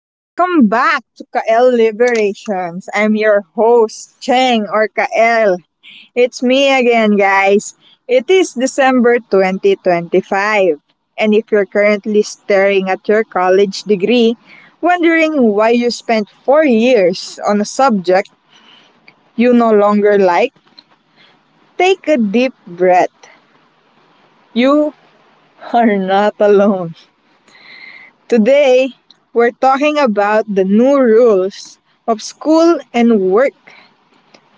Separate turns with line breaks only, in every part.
Welcome back to Kael Liberations. I'm your host, Cheng or Kael. It's me again, guys. It is December 2025. And if you're currently staring at your college degree, wondering why you spent 4 years on a subject you no longer like, take a deep breath. You are not alone. Today, we're talking about the new rules of school and work.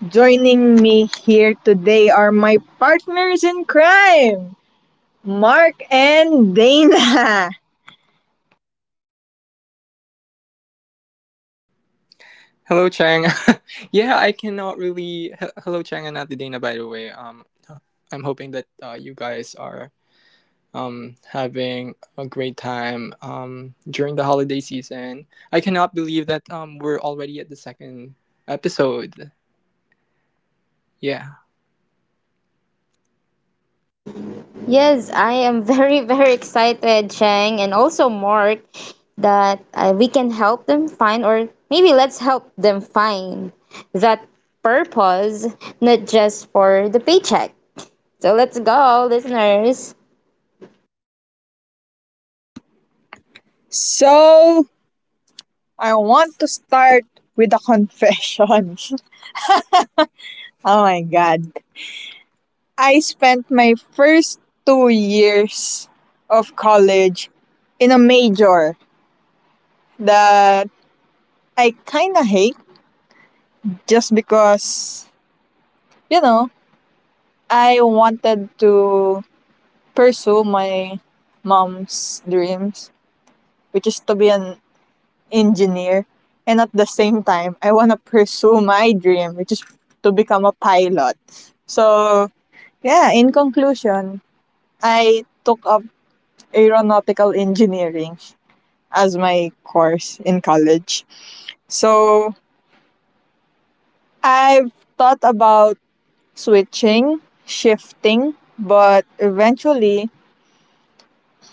Joining me here today are my partners in crime, Mark and Dana.
Hello, Chang. yeah, I cannot really. He- Hello, Chang and Adidina, by the way. I'm hoping that you guys are having a great time during the holiday season. I cannot believe that we're already at the second episode. Yeah.
Yes, I am very, very excited, Chang, and also Mark, that we can help them find, or maybe let's help them find that purpose, not just for the paycheck. So let's go, listeners.
So, I want to start with a confession. Oh my god. I spent my first 2 years of college in a major that I kinda hate just because, you know, I wanted to pursue my mom's dreams, which is to be an engineer. And at the same time, I want to pursue my dream, which is to become a pilot. So, yeah, in conclusion, I took up aeronautical engineering as my course in college. So, I've thought about switching, shifting, but eventually,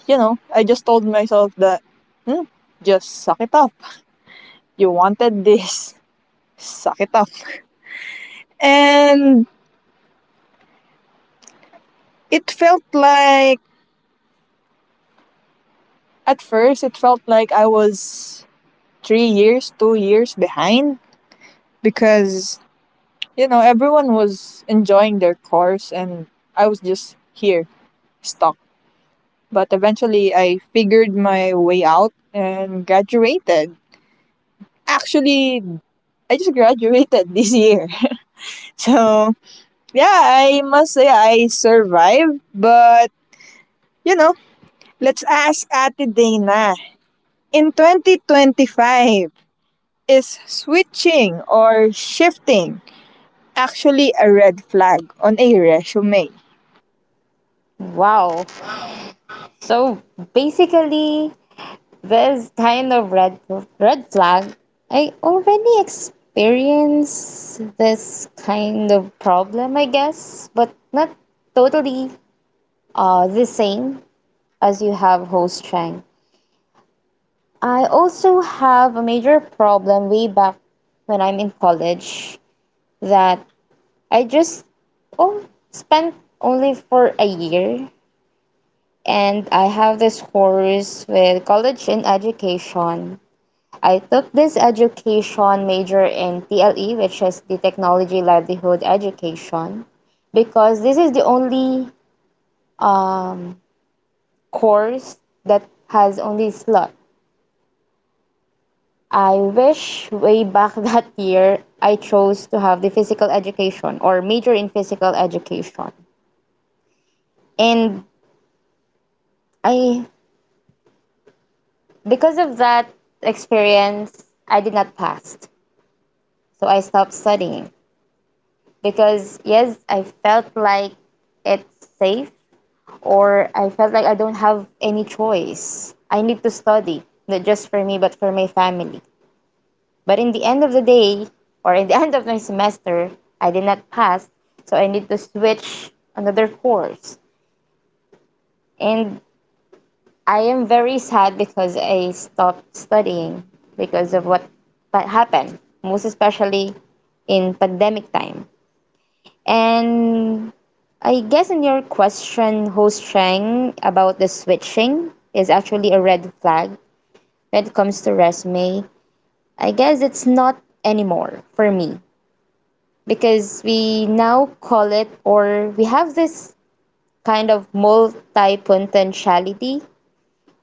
you know, I just told myself that, hmm, just suck it up. You wanted this, suck it up. And it felt like, at first it felt like I was 3 years, 2 years behind, because you know everyone was enjoying their course and I was just here stuck. But eventually I figured my way out and graduated. Actually, I just graduated this year. So, yeah, I must say I survived, but you know, let's ask Ate Dana. In 2025, is switching or shifting actually a red flag on a resume?
Wow. So basically, this kind of red flag, I already experienced this kind of problem, I guess, but not totally the same as you have host strength. I also have a major problem way back when I'm in college that I just oh, spent only for a year and I have this course with college in education. I took this education major in TLE, which is the Technology Livelihood Education, because this is the only um, course that has only slot I wish way back that year I chose to have the physical education or major in physical education. And I because of that experience, I did not pass. So I stopped studying because yes, I felt like it's safe or I felt like I don't have any choice. I need to study, not just for me but for my family. But in the end of the day, or in the end of my semester, I did not pass, so I need to switch another course. And I am very sad because I stopped studying because of what happened, most especially in pandemic time. And I guess in your question, host Chang, about the switching is actually a red flag when it comes to resume. I guess it's not anymore for me because we now call it or we have this kind of multi-potentiality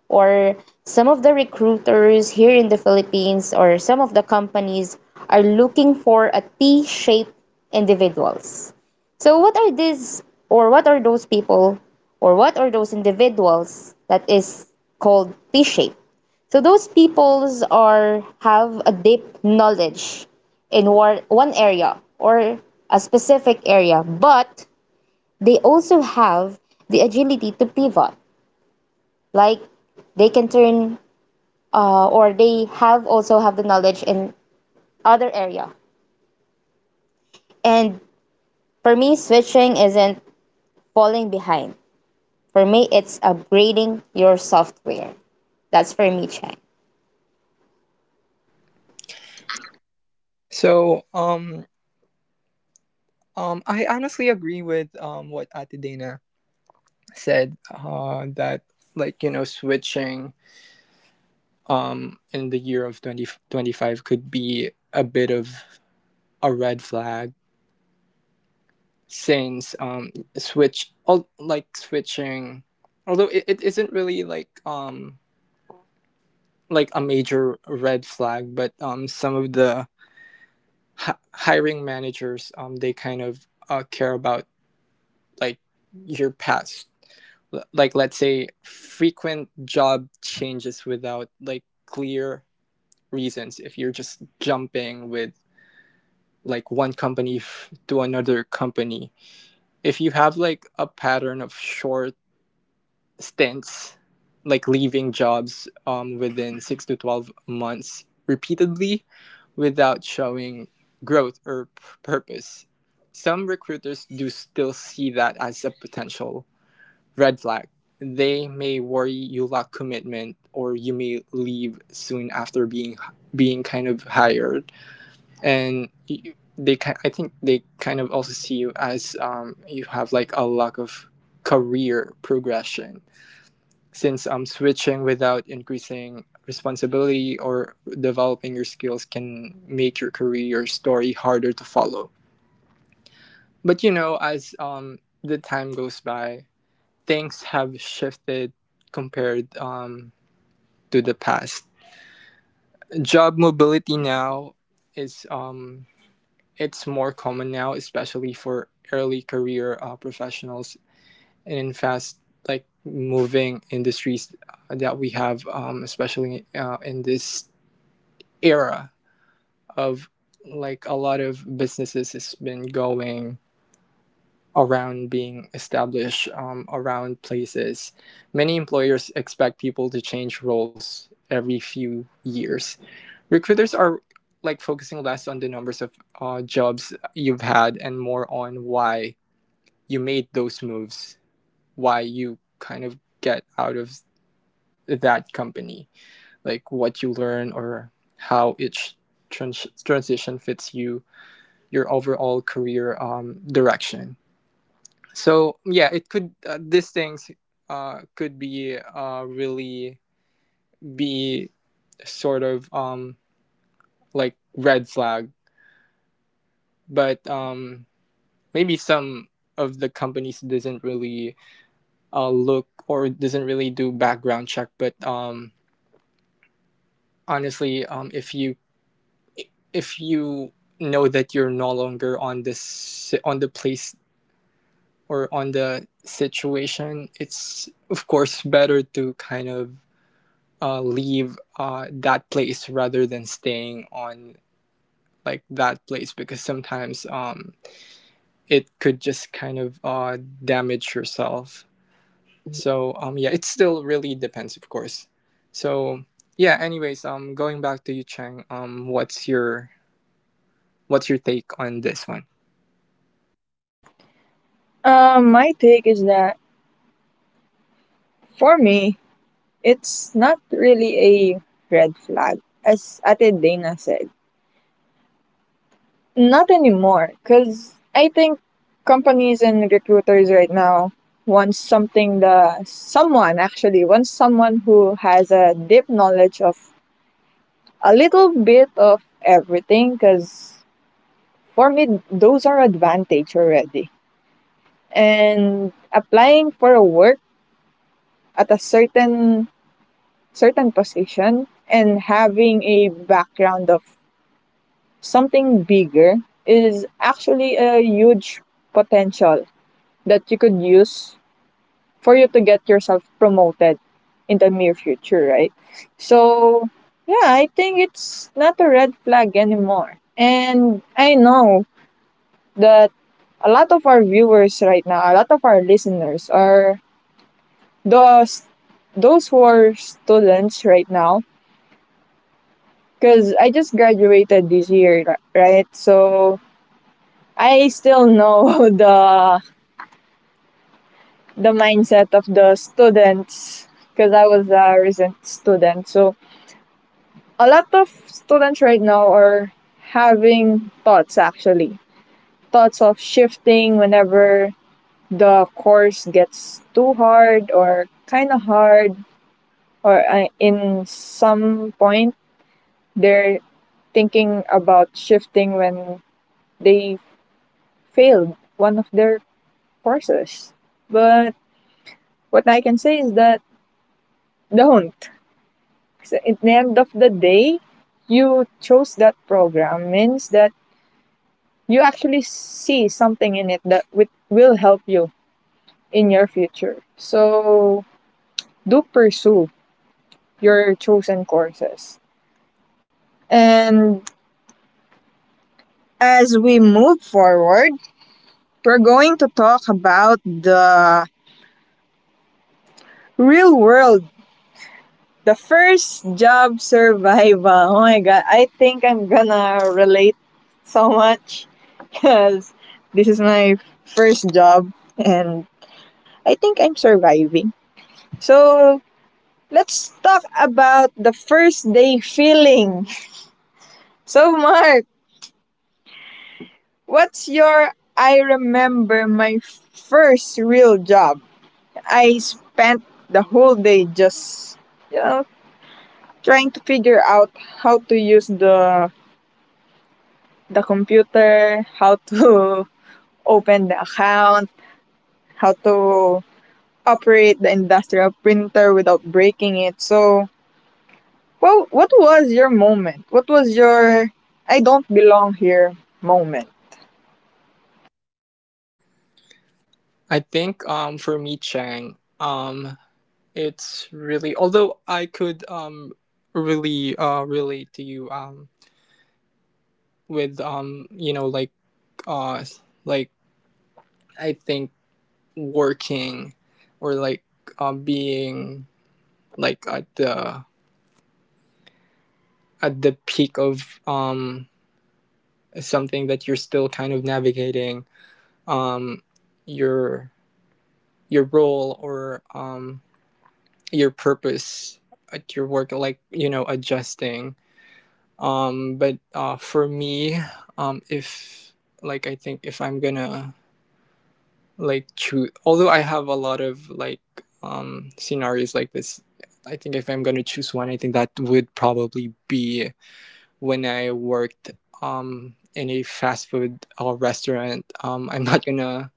or some of the recruiters here in the Philippines or some of the companies are looking for a T-shaped individuals so, what are these, or what are those people, or what are those individuals that is called P shaped. So, those peoples are have a deep knowledge in one area or a specific area, but they also have the agility to pivot. Like they can turn, or they have also have the knowledge in other area. And for me, switching isn't falling behind. For me, it's upgrading your software. That's for me, Chang.
So I honestly agree with what Adidina said. That, like, switching in the year of 2025 could be a bit of a red flag since like switching, although it isn't really like a major red flag, but some of the hiring managers they kind of care about like your past. Like let's say frequent job changes without like clear reasons, if you're just jumping with like one company to another company, if you have like a pattern of short stints, like leaving jobs within 6 to 12 months repeatedly without showing growth or purpose. Some recruiters do still see that as a potential red flag. They may worry you lack commitment or you may leave soon after being kind of hired, and I think they kind of also see you as you have like a lack of career progression, since switching without increasing responsibility or developing your skills can make your career story harder to follow. But you know, as the time goes by, things have shifted compared to the past. Job mobility now is it's more common now, especially for early career professionals and in fast like moving industries that we have, especially in this era of like a lot of businesses has been going around being established around places. Many employers expect people to change roles every few years. Recruiters are like focusing less on the numbers of jobs you've had and more on why you made those moves, why you kind of get out of that company, like what you learn or how each transition fits you, your overall career direction. So yeah, it could these things could be really be sort of like red flag, but maybe some of the companies doesn't really look or doesn't really do background check. But honestly, if you know that you're no longer on this on the place or on the situation, it's of course better to kind of leave that place rather than staying on like that place, because sometimes it could just kind of damage yourself. So yeah, it still really depends, of course. So yeah, anyways, going back to you, Chang, what's your take on this one?
My take is that, for me, it's not really a red flag, as Ate Dana said. Not anymore, because I think companies and recruiters right now want something, the someone actually wants someone who has a deep knowledge of a little bit of everything, because for me those are advantage already. And applying for a work at a certain certain position and having a background of something bigger is actually a huge potential that you could use for you to get yourself promoted in the near future, right? So, yeah, I think it's not a red flag anymore. And I know that a lot of our viewers right now, a lot of our listeners are Those those who are students right now, because I just graduated this year, right? So I still know the mindset of the students, because I was a recent student. So a lot of students right now are having thoughts, actually thoughts of shifting whenever the course gets too hard or kind of hard, or in some point they're thinking about shifting when they failed one of their courses. But what I can say is that, don't. So at the end of the day, you chose that program means that you actually see something in it that will help you in your future. So do pursue your chosen courses. And as we move forward, we're going to talk about the real world. The first job survival. Oh my god, I think I'm gonna relate so much because this is my first job and I think I'm surviving. So, let's talk about the first day feeling. So, Mark, what's your— I remember my first real job. I spent the whole day just, you know, trying to figure out how to use the computer, how to open the account, how to operate the industrial printer without breaking it. So, well, what was your moment? What was your "I don't belong here" moment?
I think for me, Chang, it's really, although I could really relate to you with you know uh like I think working or like being like at the peak of something that you're still kind of navigating, um your your role or your purpose at your work, like you know adjusting. But for me, if like I think if I'm gonna like choose, although I have a lot of like scenarios like this, I think if I'm gonna choose one, I think that would probably be when I worked in a fast food restaurant. I'm not gonna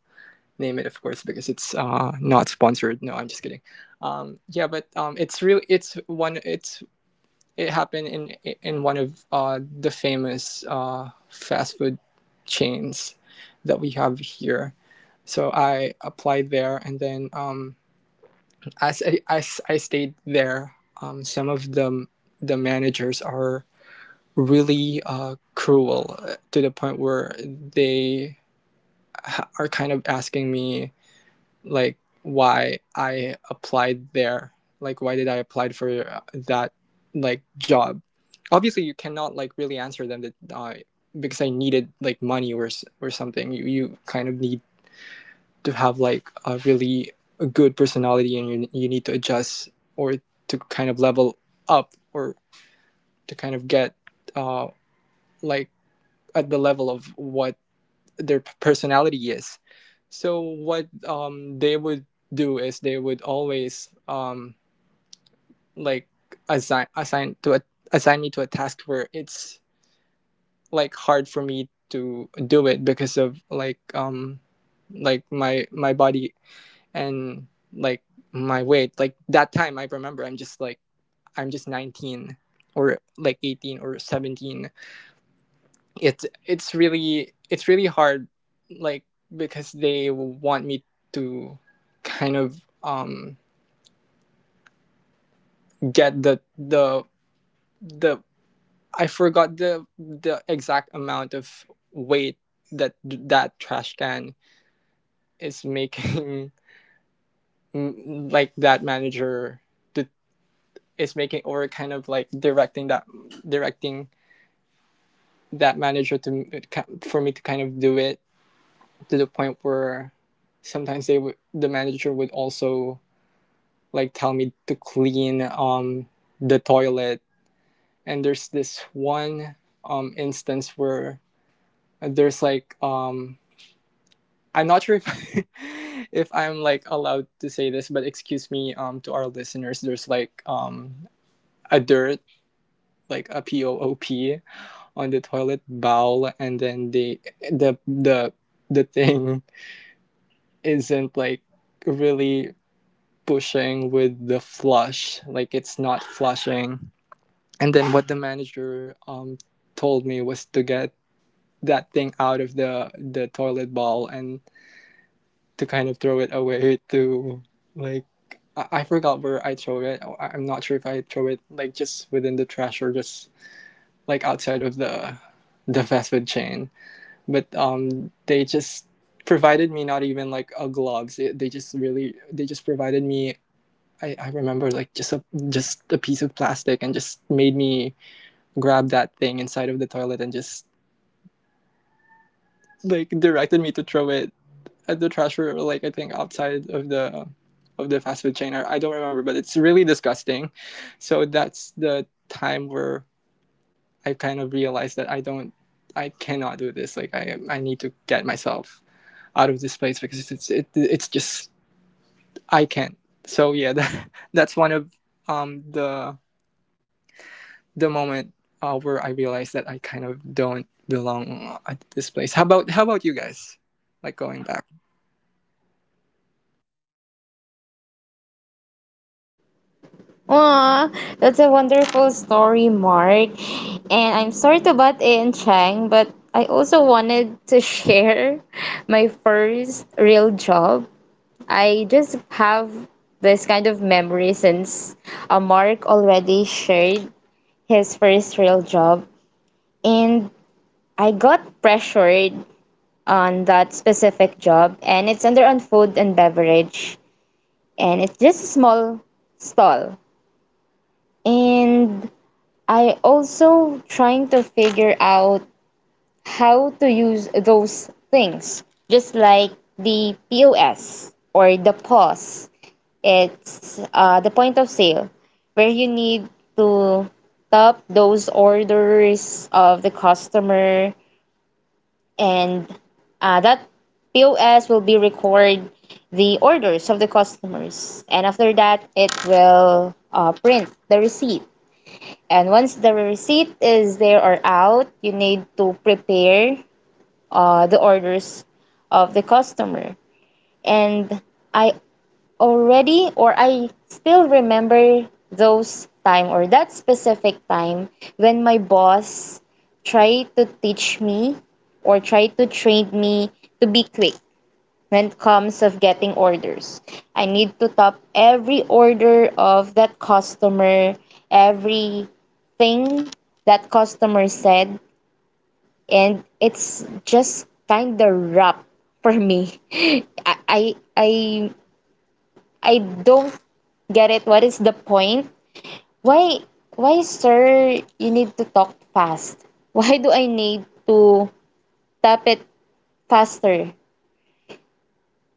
name it, of course, because it's not sponsored. No, I'm just kidding. Yeah, but it's real. It's one. It's it happened in one of the famous fast food chains that we have here. So I applied there, and then as I stayed there, some of the managers are really cruel to the point where they are kind of asking me like why I applied there. Like why did I apply for that like job? Obviously, you cannot like really answer them that because I needed like money or something. You kind of need to have like a really a good personality, and you need to adjust or to kind of level up or to kind of get uh like at the level of what their personality is. So what they would do is they would always like assign assign to a, assign me to a task where it's like hard for me to do it because of like my body and like my weight. Like that time, I remember, I'm just like I'm just 19 or like 18 or 17. It's it's really hard, like, because they want me to kind of get the, I forgot the exact amount of weight that that trash can is making like that manager to, is making or kind of like directing that manager to for me to kind of do it, to the point where sometimes they would the manager would also like tell me to clean the toilet. And there's this one instance where there's like I'm not sure if if I'm like allowed to say this, but excuse me to our listeners, there's like a dirt like a p o o p on the toilet bowl, and then the the the thing isn't like really pushing with the flush, like it's not flushing. And then what the manager told me was to get that thing out of the toilet bowl and to kind of throw it away to like, I forgot where I throw it. I'm not sure if I throw it like just within the trash or just like outside of the fast food chain. But they just provided me not even like a gloves. They just really they just provided me, I remember like just a piece of plastic, and just made me grabbed that thing inside of the toilet and just like directed me to throw it at the trash or like I think outside of the fast food chain. I don't remember, but it's really disgusting. So that's the time where I kind of realized that I don't I cannot do this. Like I need to get myself out of this place because it's just I can't. So yeah, that's one of um the the moment where I realized that I kind of don't belong at this place. How about you guys? Like going back.
Aw, that's a wonderful story, Mark. And I'm sorry to butt in, Chang, but I also wanted to share my first real job. I just have this kind of memory since Mark already shared his first real job. And I got pressured on that specific job, and it's under on food and beverage, and it's just a small stall. And I also trying to figure out how to use those things, just like the POS or the POS. It's the point of sale where you need to top those orders of the customer and that POS will be record the orders of the customers, and after that it will print the receipt, and once the receipt is there or out you need to prepare the orders of the customer. And I already or I still remember those time or that specific time when my boss tried to teach me or tried to train me to be quick when it comes of getting orders. I need to top every order of that customer, every thing that customer said, and it's just kind of rough for me. I don't get it. What is the point? Why, why, sir, you need to talk fast? Why do I need to tap it faster?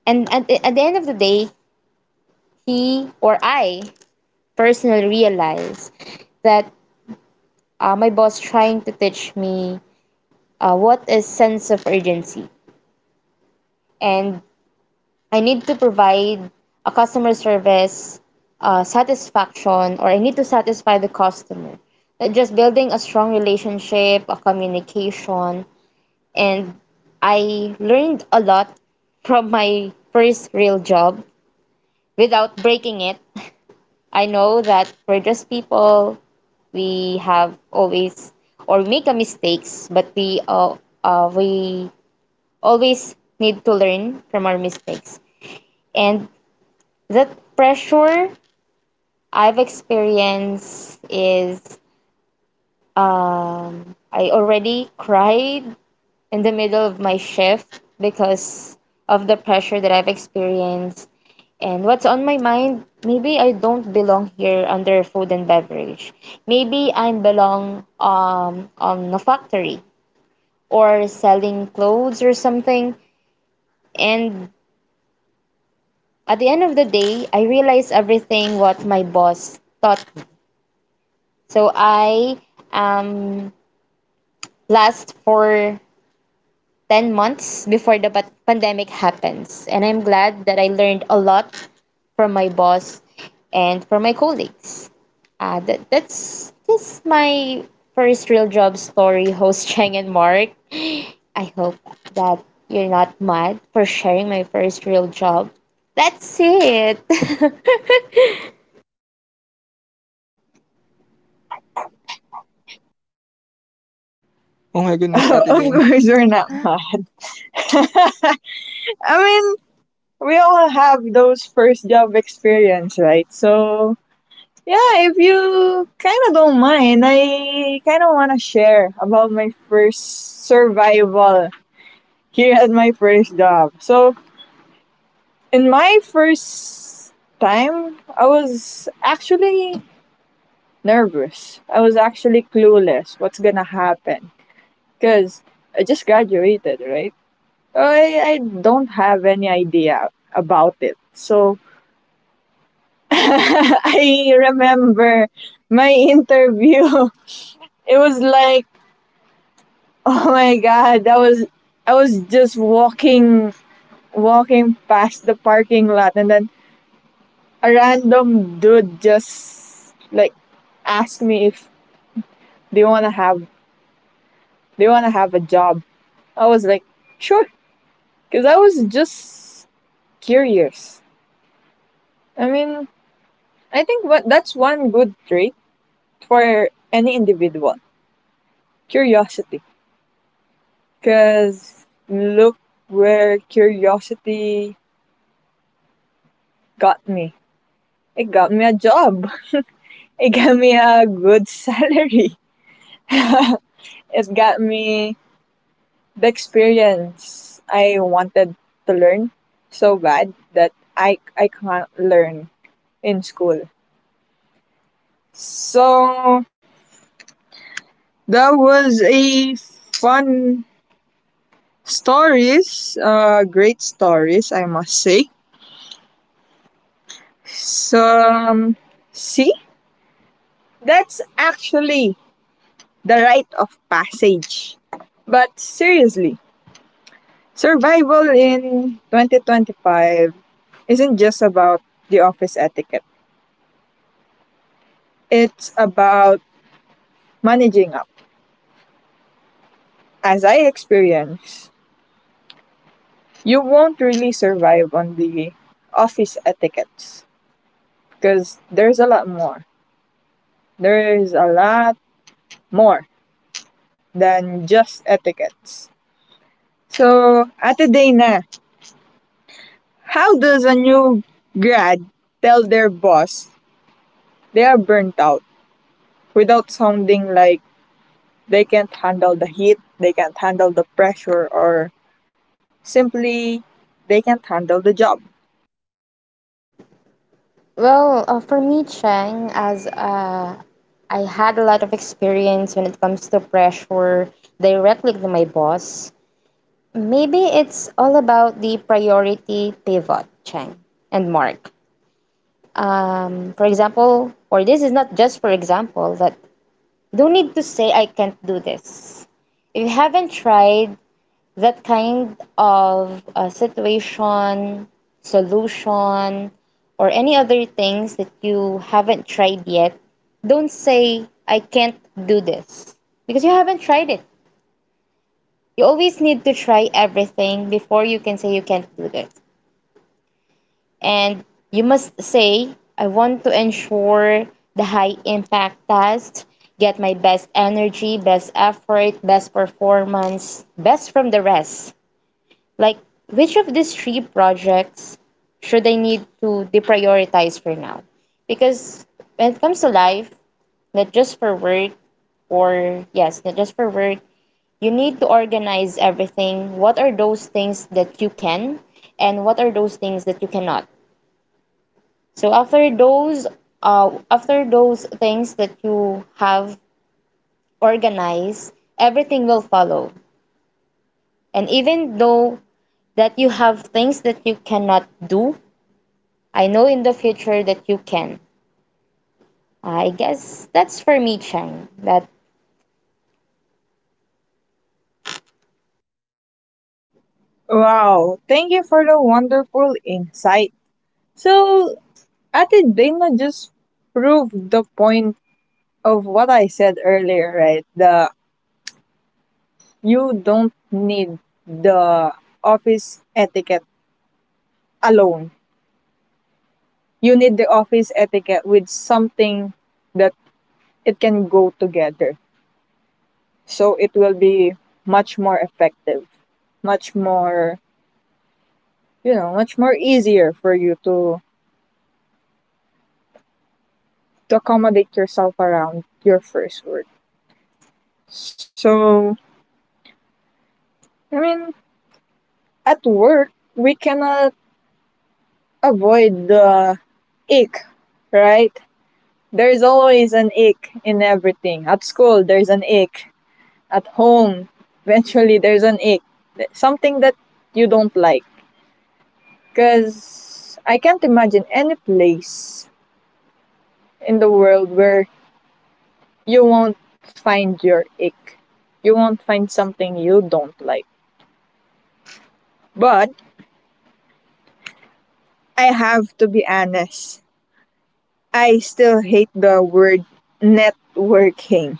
And at the end of the day, he or I personally realize that my boss trying to teach me what is sense of urgency, and I need to provide a customer service satisfaction, or I need to satisfy the customer. Like just building a strong relationship, a communication, and I learned a lot from my first real job without breaking it. I know that we're just people. We have always or make a mistakes, but we always need to learn from our mistakes. And that pressure I've experienced is I already cried in the middle of my shift because of the pressure that I've experienced. And what's on my mind, maybe I don't belong here under food and beverage. Maybe I belong on a factory or selling clothes or something. And at the end of the day, I realized everything what my boss taught me. So I am last for 10 months before the pandemic happens. And I'm glad that I learned a lot from my boss and from my colleagues. That's just my first real job story, host Cheng and Mark. I hope that you're not mad for sharing my first real job. That's it.
Oh my goodness,
Of
Ate Dana.
course, you're not mad. I mean, we all have those first job experience, right? So, yeah, if you kind of don't mind, I kind of want to share about my first survival here at my first job. So, in my first time, I was actually nervous. I was actually clueless what's gonna happen, because I just graduated, right? So, I don't have any idea about it. So I remember my interview. It was like, oh my god, I was— I was just walking past the parking lot, and then a random dude just like asked me if they want to have they want to have a job. I was like, sure, because I was just curious. I mean, I think what— that's one good trait for any individual: curiosity. Because look where curiosity got me. It got me a job. It got me a good salary. It got me the experience I wanted to learn so bad that I can't learn in school. So that was a fun stories, great stories I must say. So see, that's actually the rite of passage. But seriously, survival in 2025 isn't just about the office etiquette. It's about managing up. As I experienced, you won't really survive on the office etiquettes, because there's a lot more. There's a lot more than just etiquettes. So, Ate Dana, how does a new grad tell their boss they are burnt out without sounding like they can't handle the heat, they can't handle the pressure, or simply they can't handle the job?
Well, for me, Chang as a I had a lot of experience when it comes to pressure directly to my boss. Maybe it's all about the priority pivot, Chang and Mark. For example, or this is not just for example, that you don't need to say I can't do this. If you haven't tried, that kind of situation, solution, or any other things that you haven't tried yet, don't say, I can't do this because you haven't tried it. You always need to try everything before you can say you can't do this. And you must say, I want to ensure the high impact test, get my best energy, best effort, best performance, best from the rest. Like, which of these three projects should I need to deprioritize for now? Because when it comes to life, not just for work, or yes, not just for work, you need to organize everything. What are those things that you can, and what are those things that you cannot? So after those things that you have organized, everything will follow. And even though that you have things that you cannot do, I know in the future that you can. I guess that's for me, Chang. That
Wow, thank you for the wonderful insight. So, Ate Dana just proved the point of what I said earlier, right? The— you don't need the office etiquette alone. You need the office etiquette with something that it can go together. So it will be much more effective, much more, you know, much more easier for you to accommodate yourself around your first word. So, I mean, at work, we cannot avoid the ick, right? There is always an ick in everything. At school, there's an ick. At home, eventually, there's an ick. Something that you don't like. Because I can't imagine any place in the world where you won't find your ick. You won't find something you don't like. But I have to be honest. I still hate the word networking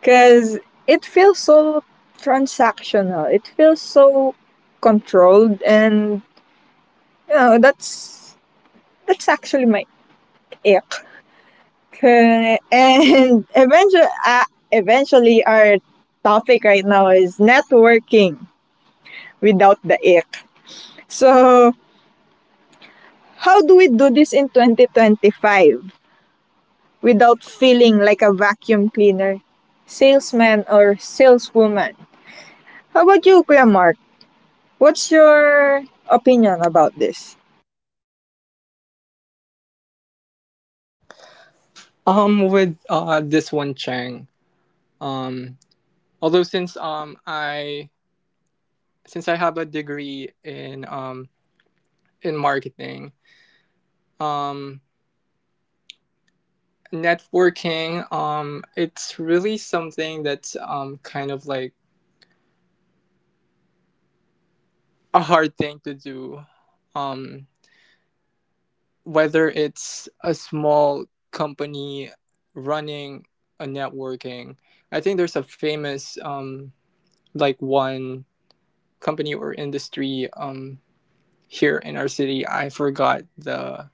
because it feels so transactional. It feels so controlled, and you know that's actually my ick. And eventually, our topic right now is networking without the ick. So, how do we do this in 2025 without feeling like a vacuum cleaner, salesman, or saleswoman? How about you, Kuya Mark? What's your opinion about this?
With this one, Chang. Um, Although since I since I have a degree in marketing, um networking it's really something that's kind of like a hard thing to do, um whether it's a small company running a networking. I think there's a famous like one company or industry here in our city. I forgot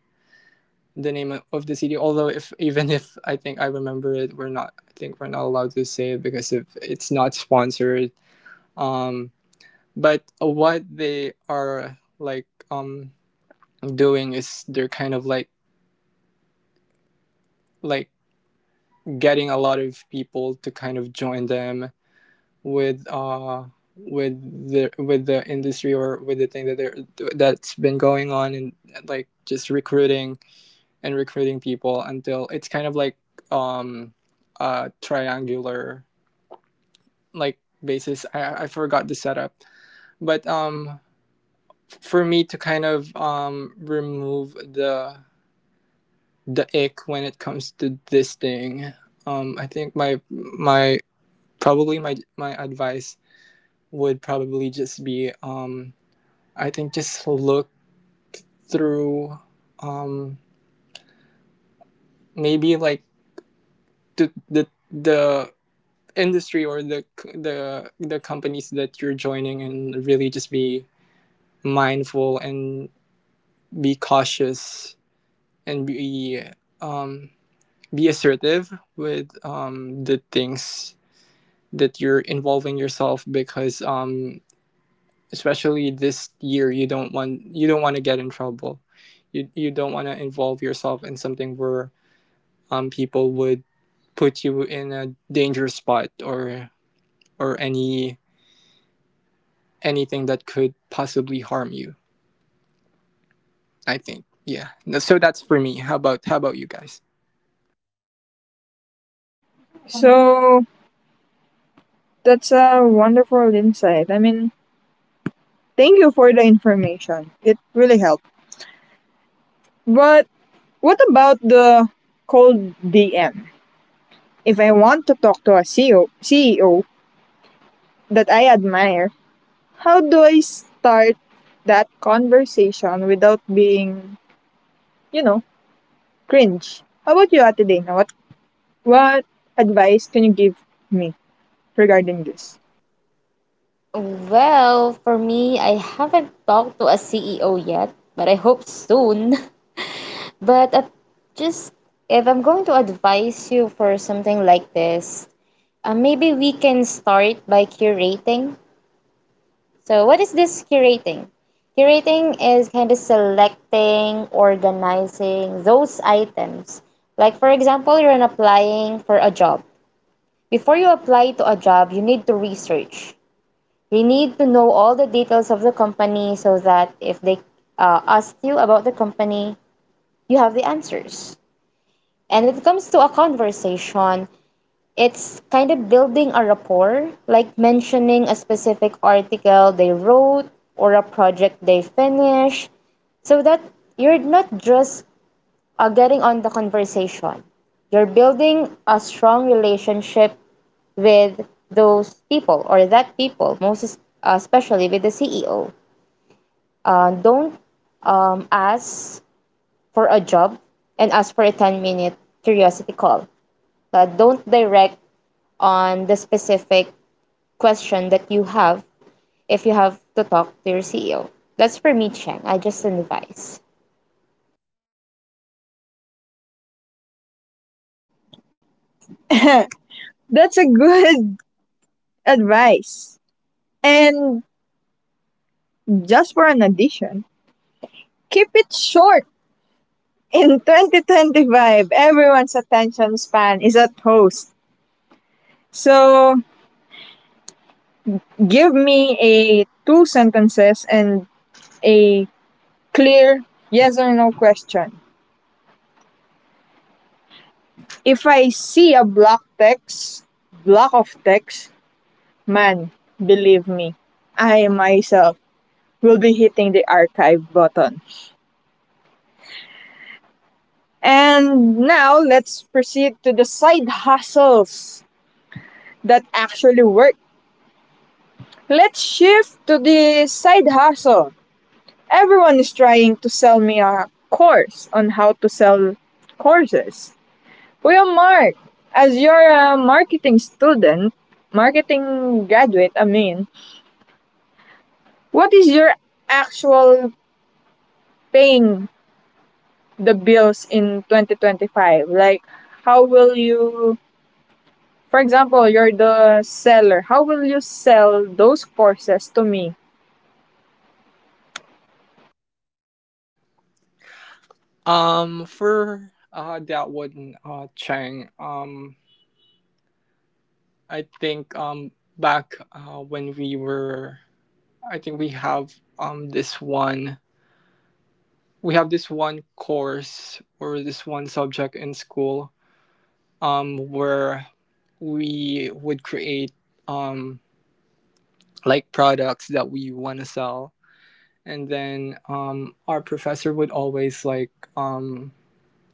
the name of the city. Although if even if I think I remember it, we're not. I think we're not allowed to say it because if it's not sponsored. Um, but what they are like doing is they're kind of like getting a lot of people to kind of join them with uh with with the industry or with the thing that they're that's been going on, and like just recruiting and recruiting people until it's kind of like um a triangular like basis, I forgot the setup. But for me to kind of remove the ick when it comes to this thing, I think my probably my advice would probably just be I think just look through um maybe like the industry or the companies that you're joining, and really just be mindful and be cautious and um be assertive with the things that you're involving yourself, because especially this year you don't want to get in trouble, you don't want to involve yourself in something where people would put you in a dangerous spot or any anything that could possibly harm you. I think yeah. No, so that's for me. How about how about you guys?
So, that's a wonderful insight. I mean, thank you for the information. It really helped. But what about the cold DM? If I want to talk to a CEO that I admire, how do I start that conversation without being, you know, cringe? How about you, Ate Dana? What advice can you give me regarding this?
well, for me, I haven't talked to a CEO yet, but I hope soon. But just if I'm going to advise you for something like this, maybe we can start by curating. So, what is this curating? Curating is kind of selecting, organizing those items. Like, for example, you're an applying for a job. Before you apply to a job, you need to research. You need to know all the details of the company so that if they ask you about the company, you have the answers. And when it comes to a conversation, it's kind of building a rapport, like mentioning a specific article they wrote or a project they finished, so that you're not just getting on the conversation. You're building a strong relationship with those people or that people, most especially with the CEO. Don't ask for a job and ask for a 10-minute minute curiosity call. Don't direct on the specific question that you have if you have to talk to your CEO. That's for me, Cheng. I just advise.
That's a good advice. And just for an addition, keep it short. In 2025, everyone's attention span is at host. So give me a two sentences and a clear yes or no question. If I see a block of text, man, believe me, I myself will be hitting the archive button. And now let's proceed to the side hustles that actually work. Let's shift to the side hustle. Everyone is trying to sell me a course on how to sell courses. Well, Mark, as you're a marketing student, marketing graduate, I mean, what is your actual paying the bills in 2025? Like, how will you— for example, you're the seller. How will you sell those courses to me?
For that one, Chang, I think back when we were, I think we have this one, we have this one course or this one subject in school where we would create um, like products that we want to sell. And then our professor would always um,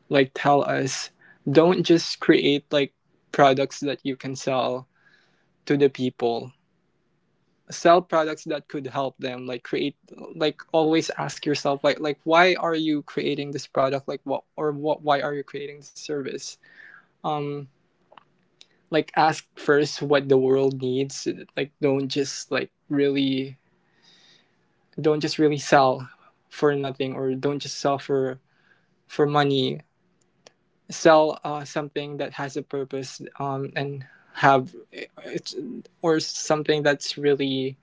like tell us, don't just create like products that you can sell to the people, sell products that could help them like create, like always ask yourself like why are you creating this product Like what or what, why are you creating this service? um like ask first what the world needs. Don't just like really don't just really sell for nothing, or don't just sell for money. Sell something that has a purpose, and have it's or something that's really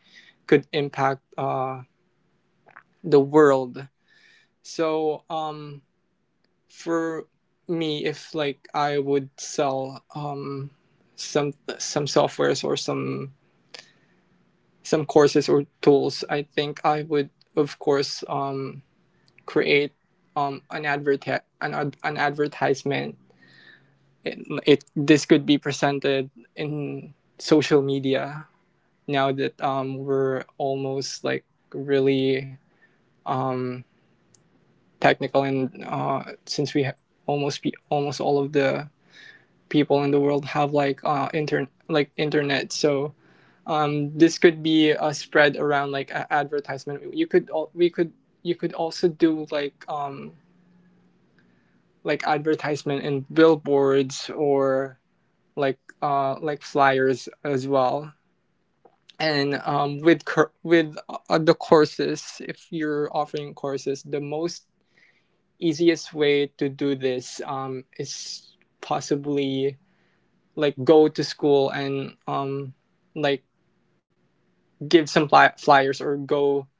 could impact the world. So for me, if I would sell some some softwares, or some courses or tools, I think I would, of course, create an advertisement. It this could be presented in social media now that we're almost really, um, technical, and almost be almost all of the people in the world have internet. So this could be a spread around advertisement. You could al- we could You could also do advertisement in billboards, or flyers as well. And with cur- with the courses, if you're offering courses, the most easiest way to do this is possibly go to school and like give some flyers, or go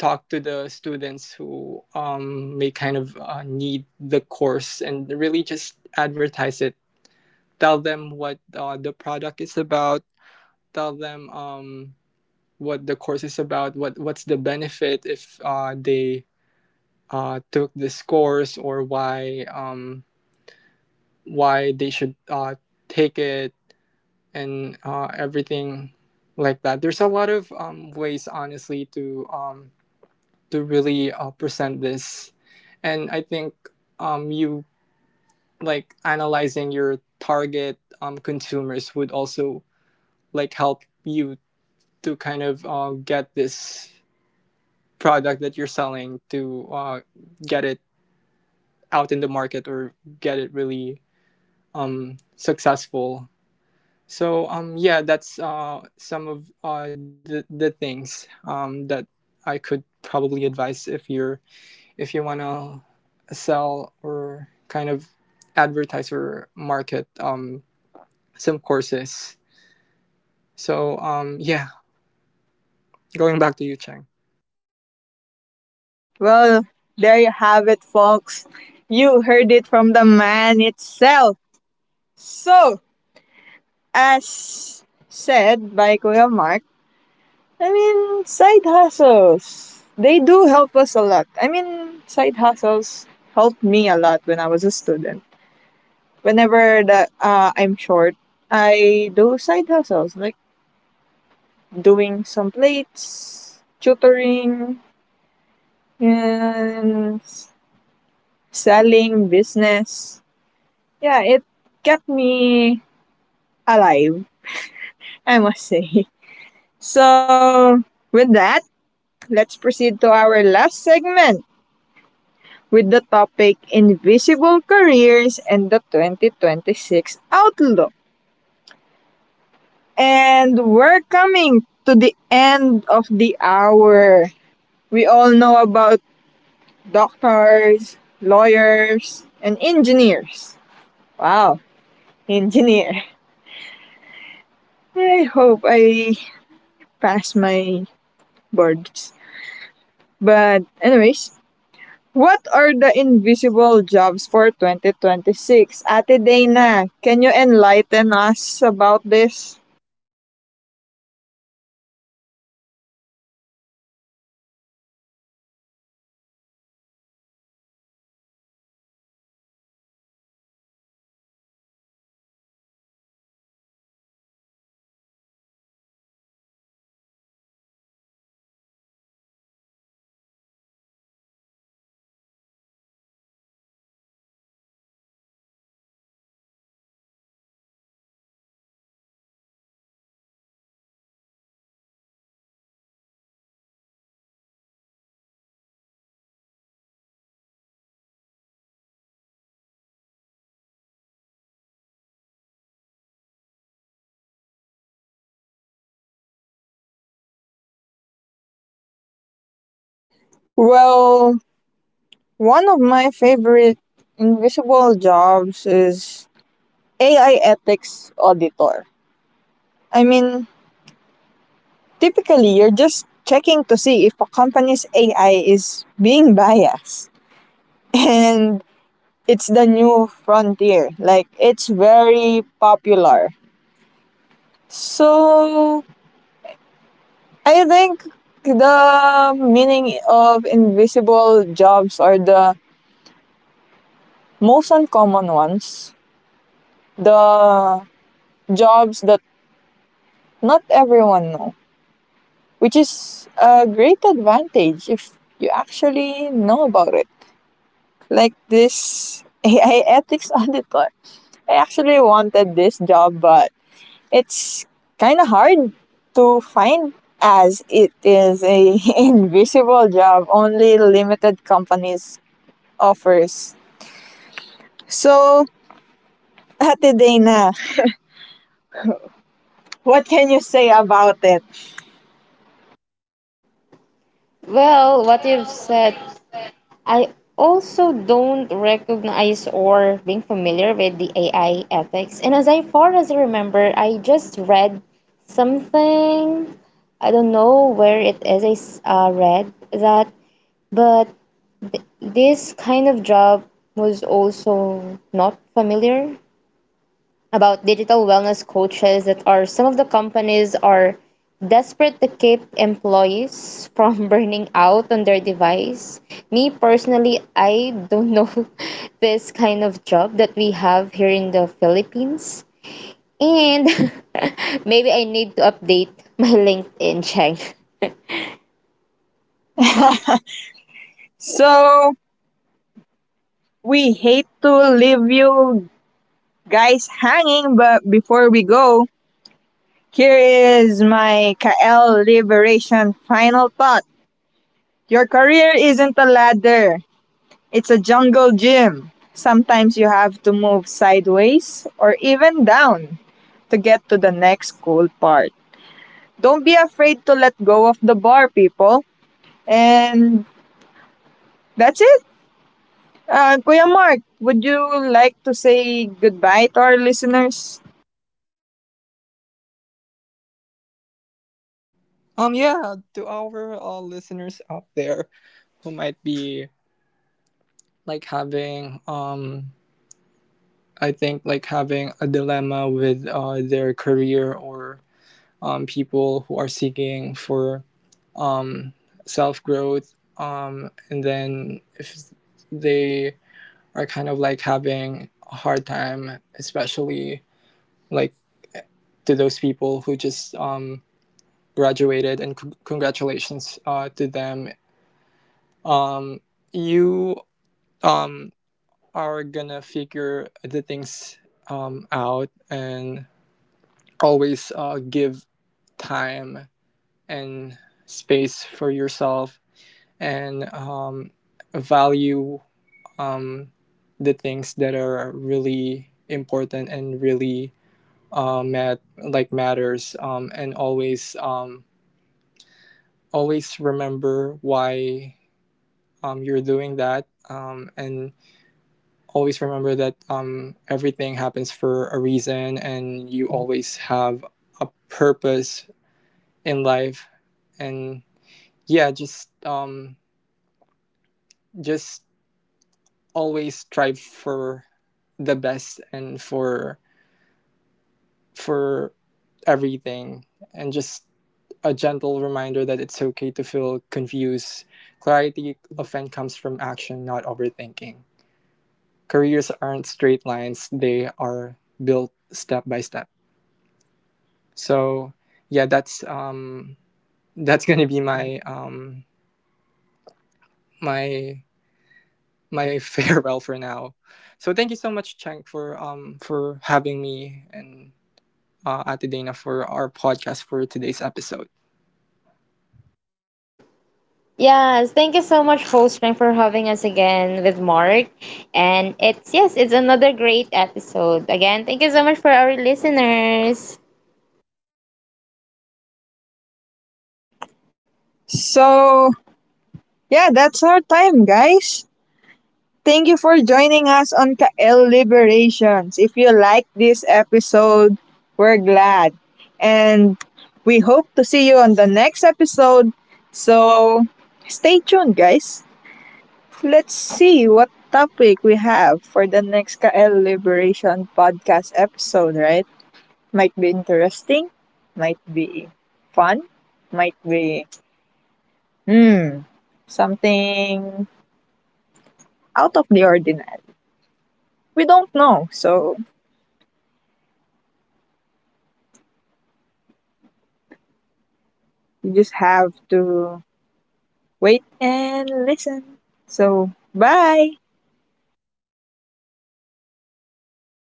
talk to the students who may kind of need the course, and really just advertise it. Tell them what the product is about. Tell them what the course is about, what what's the benefit if they took this course, or why they should take it, and everything like that. There's a lot of ways, honestly, to really present this, and I think you like analyzing your target consumers would also help you to kind of get this product that you're selling to get it out in the market, or get it really successful. So yeah, that's some of the things that I could probably advise if you're, if you wanna sell, or kind of advertise or market some courses. So yeah, going back to you, Cheng.
Well, there you have it, folks. You heard it from the man itself. So, as said by Kuya Mark, I mean, side hustles. They do help us a lot. I mean, side hustles helped me a lot when I was a student. Whenever the, I'm short, I do side hustles like doing some plates, tutoring, and selling business. Yeah, it kept me alive, I must say. So, with that, let's proceed to our last segment with the topic Invisible Careers and the 2026 Outlook. And we're coming to the end of the hour. We all know about doctors, lawyers, and engineers. Wow, engineer. I hope I pass my boards. But anyways, what are the invisible jobs for 2026? Ate Dana, can you enlighten us about this? Well, one of my favorite invisible jobs is AI ethics auditor. I mean, typically you're just checking to see if a company's AI is being biased. And it's the new frontier. Like it's very popular. So I think the meaning of invisible jobs are the most uncommon ones, the jobs that not everyone know, which is a great advantage if you actually know about it. Like this AI ethics auditor. I actually wanted this job, but it's kind of hard to find, as it is a invisible job only limited companies offers. So, Ate Dana, what can you say about it?
Well, what you've said I also don't recognize or being familiar with the AI ethics. And as I far as I remember, I just read something, I don't know where it is, read that, but this kind of job was also not familiar about digital wellness coaches that are some of the companies are desperate to keep employees from burning out on their device. Me personally, I don't know this kind of job that we have here in the Philippines. And maybe I need to update my LinkedIn check.
So, we hate to leave you guys hanging, but before we go, here is my KL Liberation final thought. Your career isn't a ladder. It's a jungle gym. Sometimes you have to move sideways or even down to get to the next cool part. Don't be afraid to let go of the bar, people. And that's it. Kuya Mark, would you like to say goodbye to our listeners?
Yeah, to our listeners out there who might be having I think having a dilemma with their career, or people who are seeking for um, self growth. And then if they are kind of having a hard time, especially like to those people who just graduated, and congratulations to them. Um, you um, are gonna figure the things out, and always give time and space for yourself, and value um, the things that are really important and really matters, and always remember why you're doing that, and always remember that everything happens for a reason, and you always have a purpose in life. And yeah, just always strive for the best, and for for everything, and just a gentle reminder that it's okay to feel confused. Clarity often comes from action, not overthinking. Careers aren't straight lines, they are built step by step. So yeah, that's going to be my my my farewell for now. So, thank you so much, Cheng, for having me, and Ate Dana, for our podcast for today's episode.
Yes, thank you so much, host Frank, for having us again with Mark. And it's, yes, it's another great episode. Again, thank you so much for our listeners.
So, yeah, that's our time, guys. Thank you for joining us on KL Liberations. If you like this episode, we're glad. And we hope to see you on the next episode. So stay tuned, guys. Let's see what topic we have for the next KL Liberation podcast episode, right? Might be interesting, might be fun, might be, hmm, something out of the ordinary. We don't know. So you just have to wait and listen. So, bye.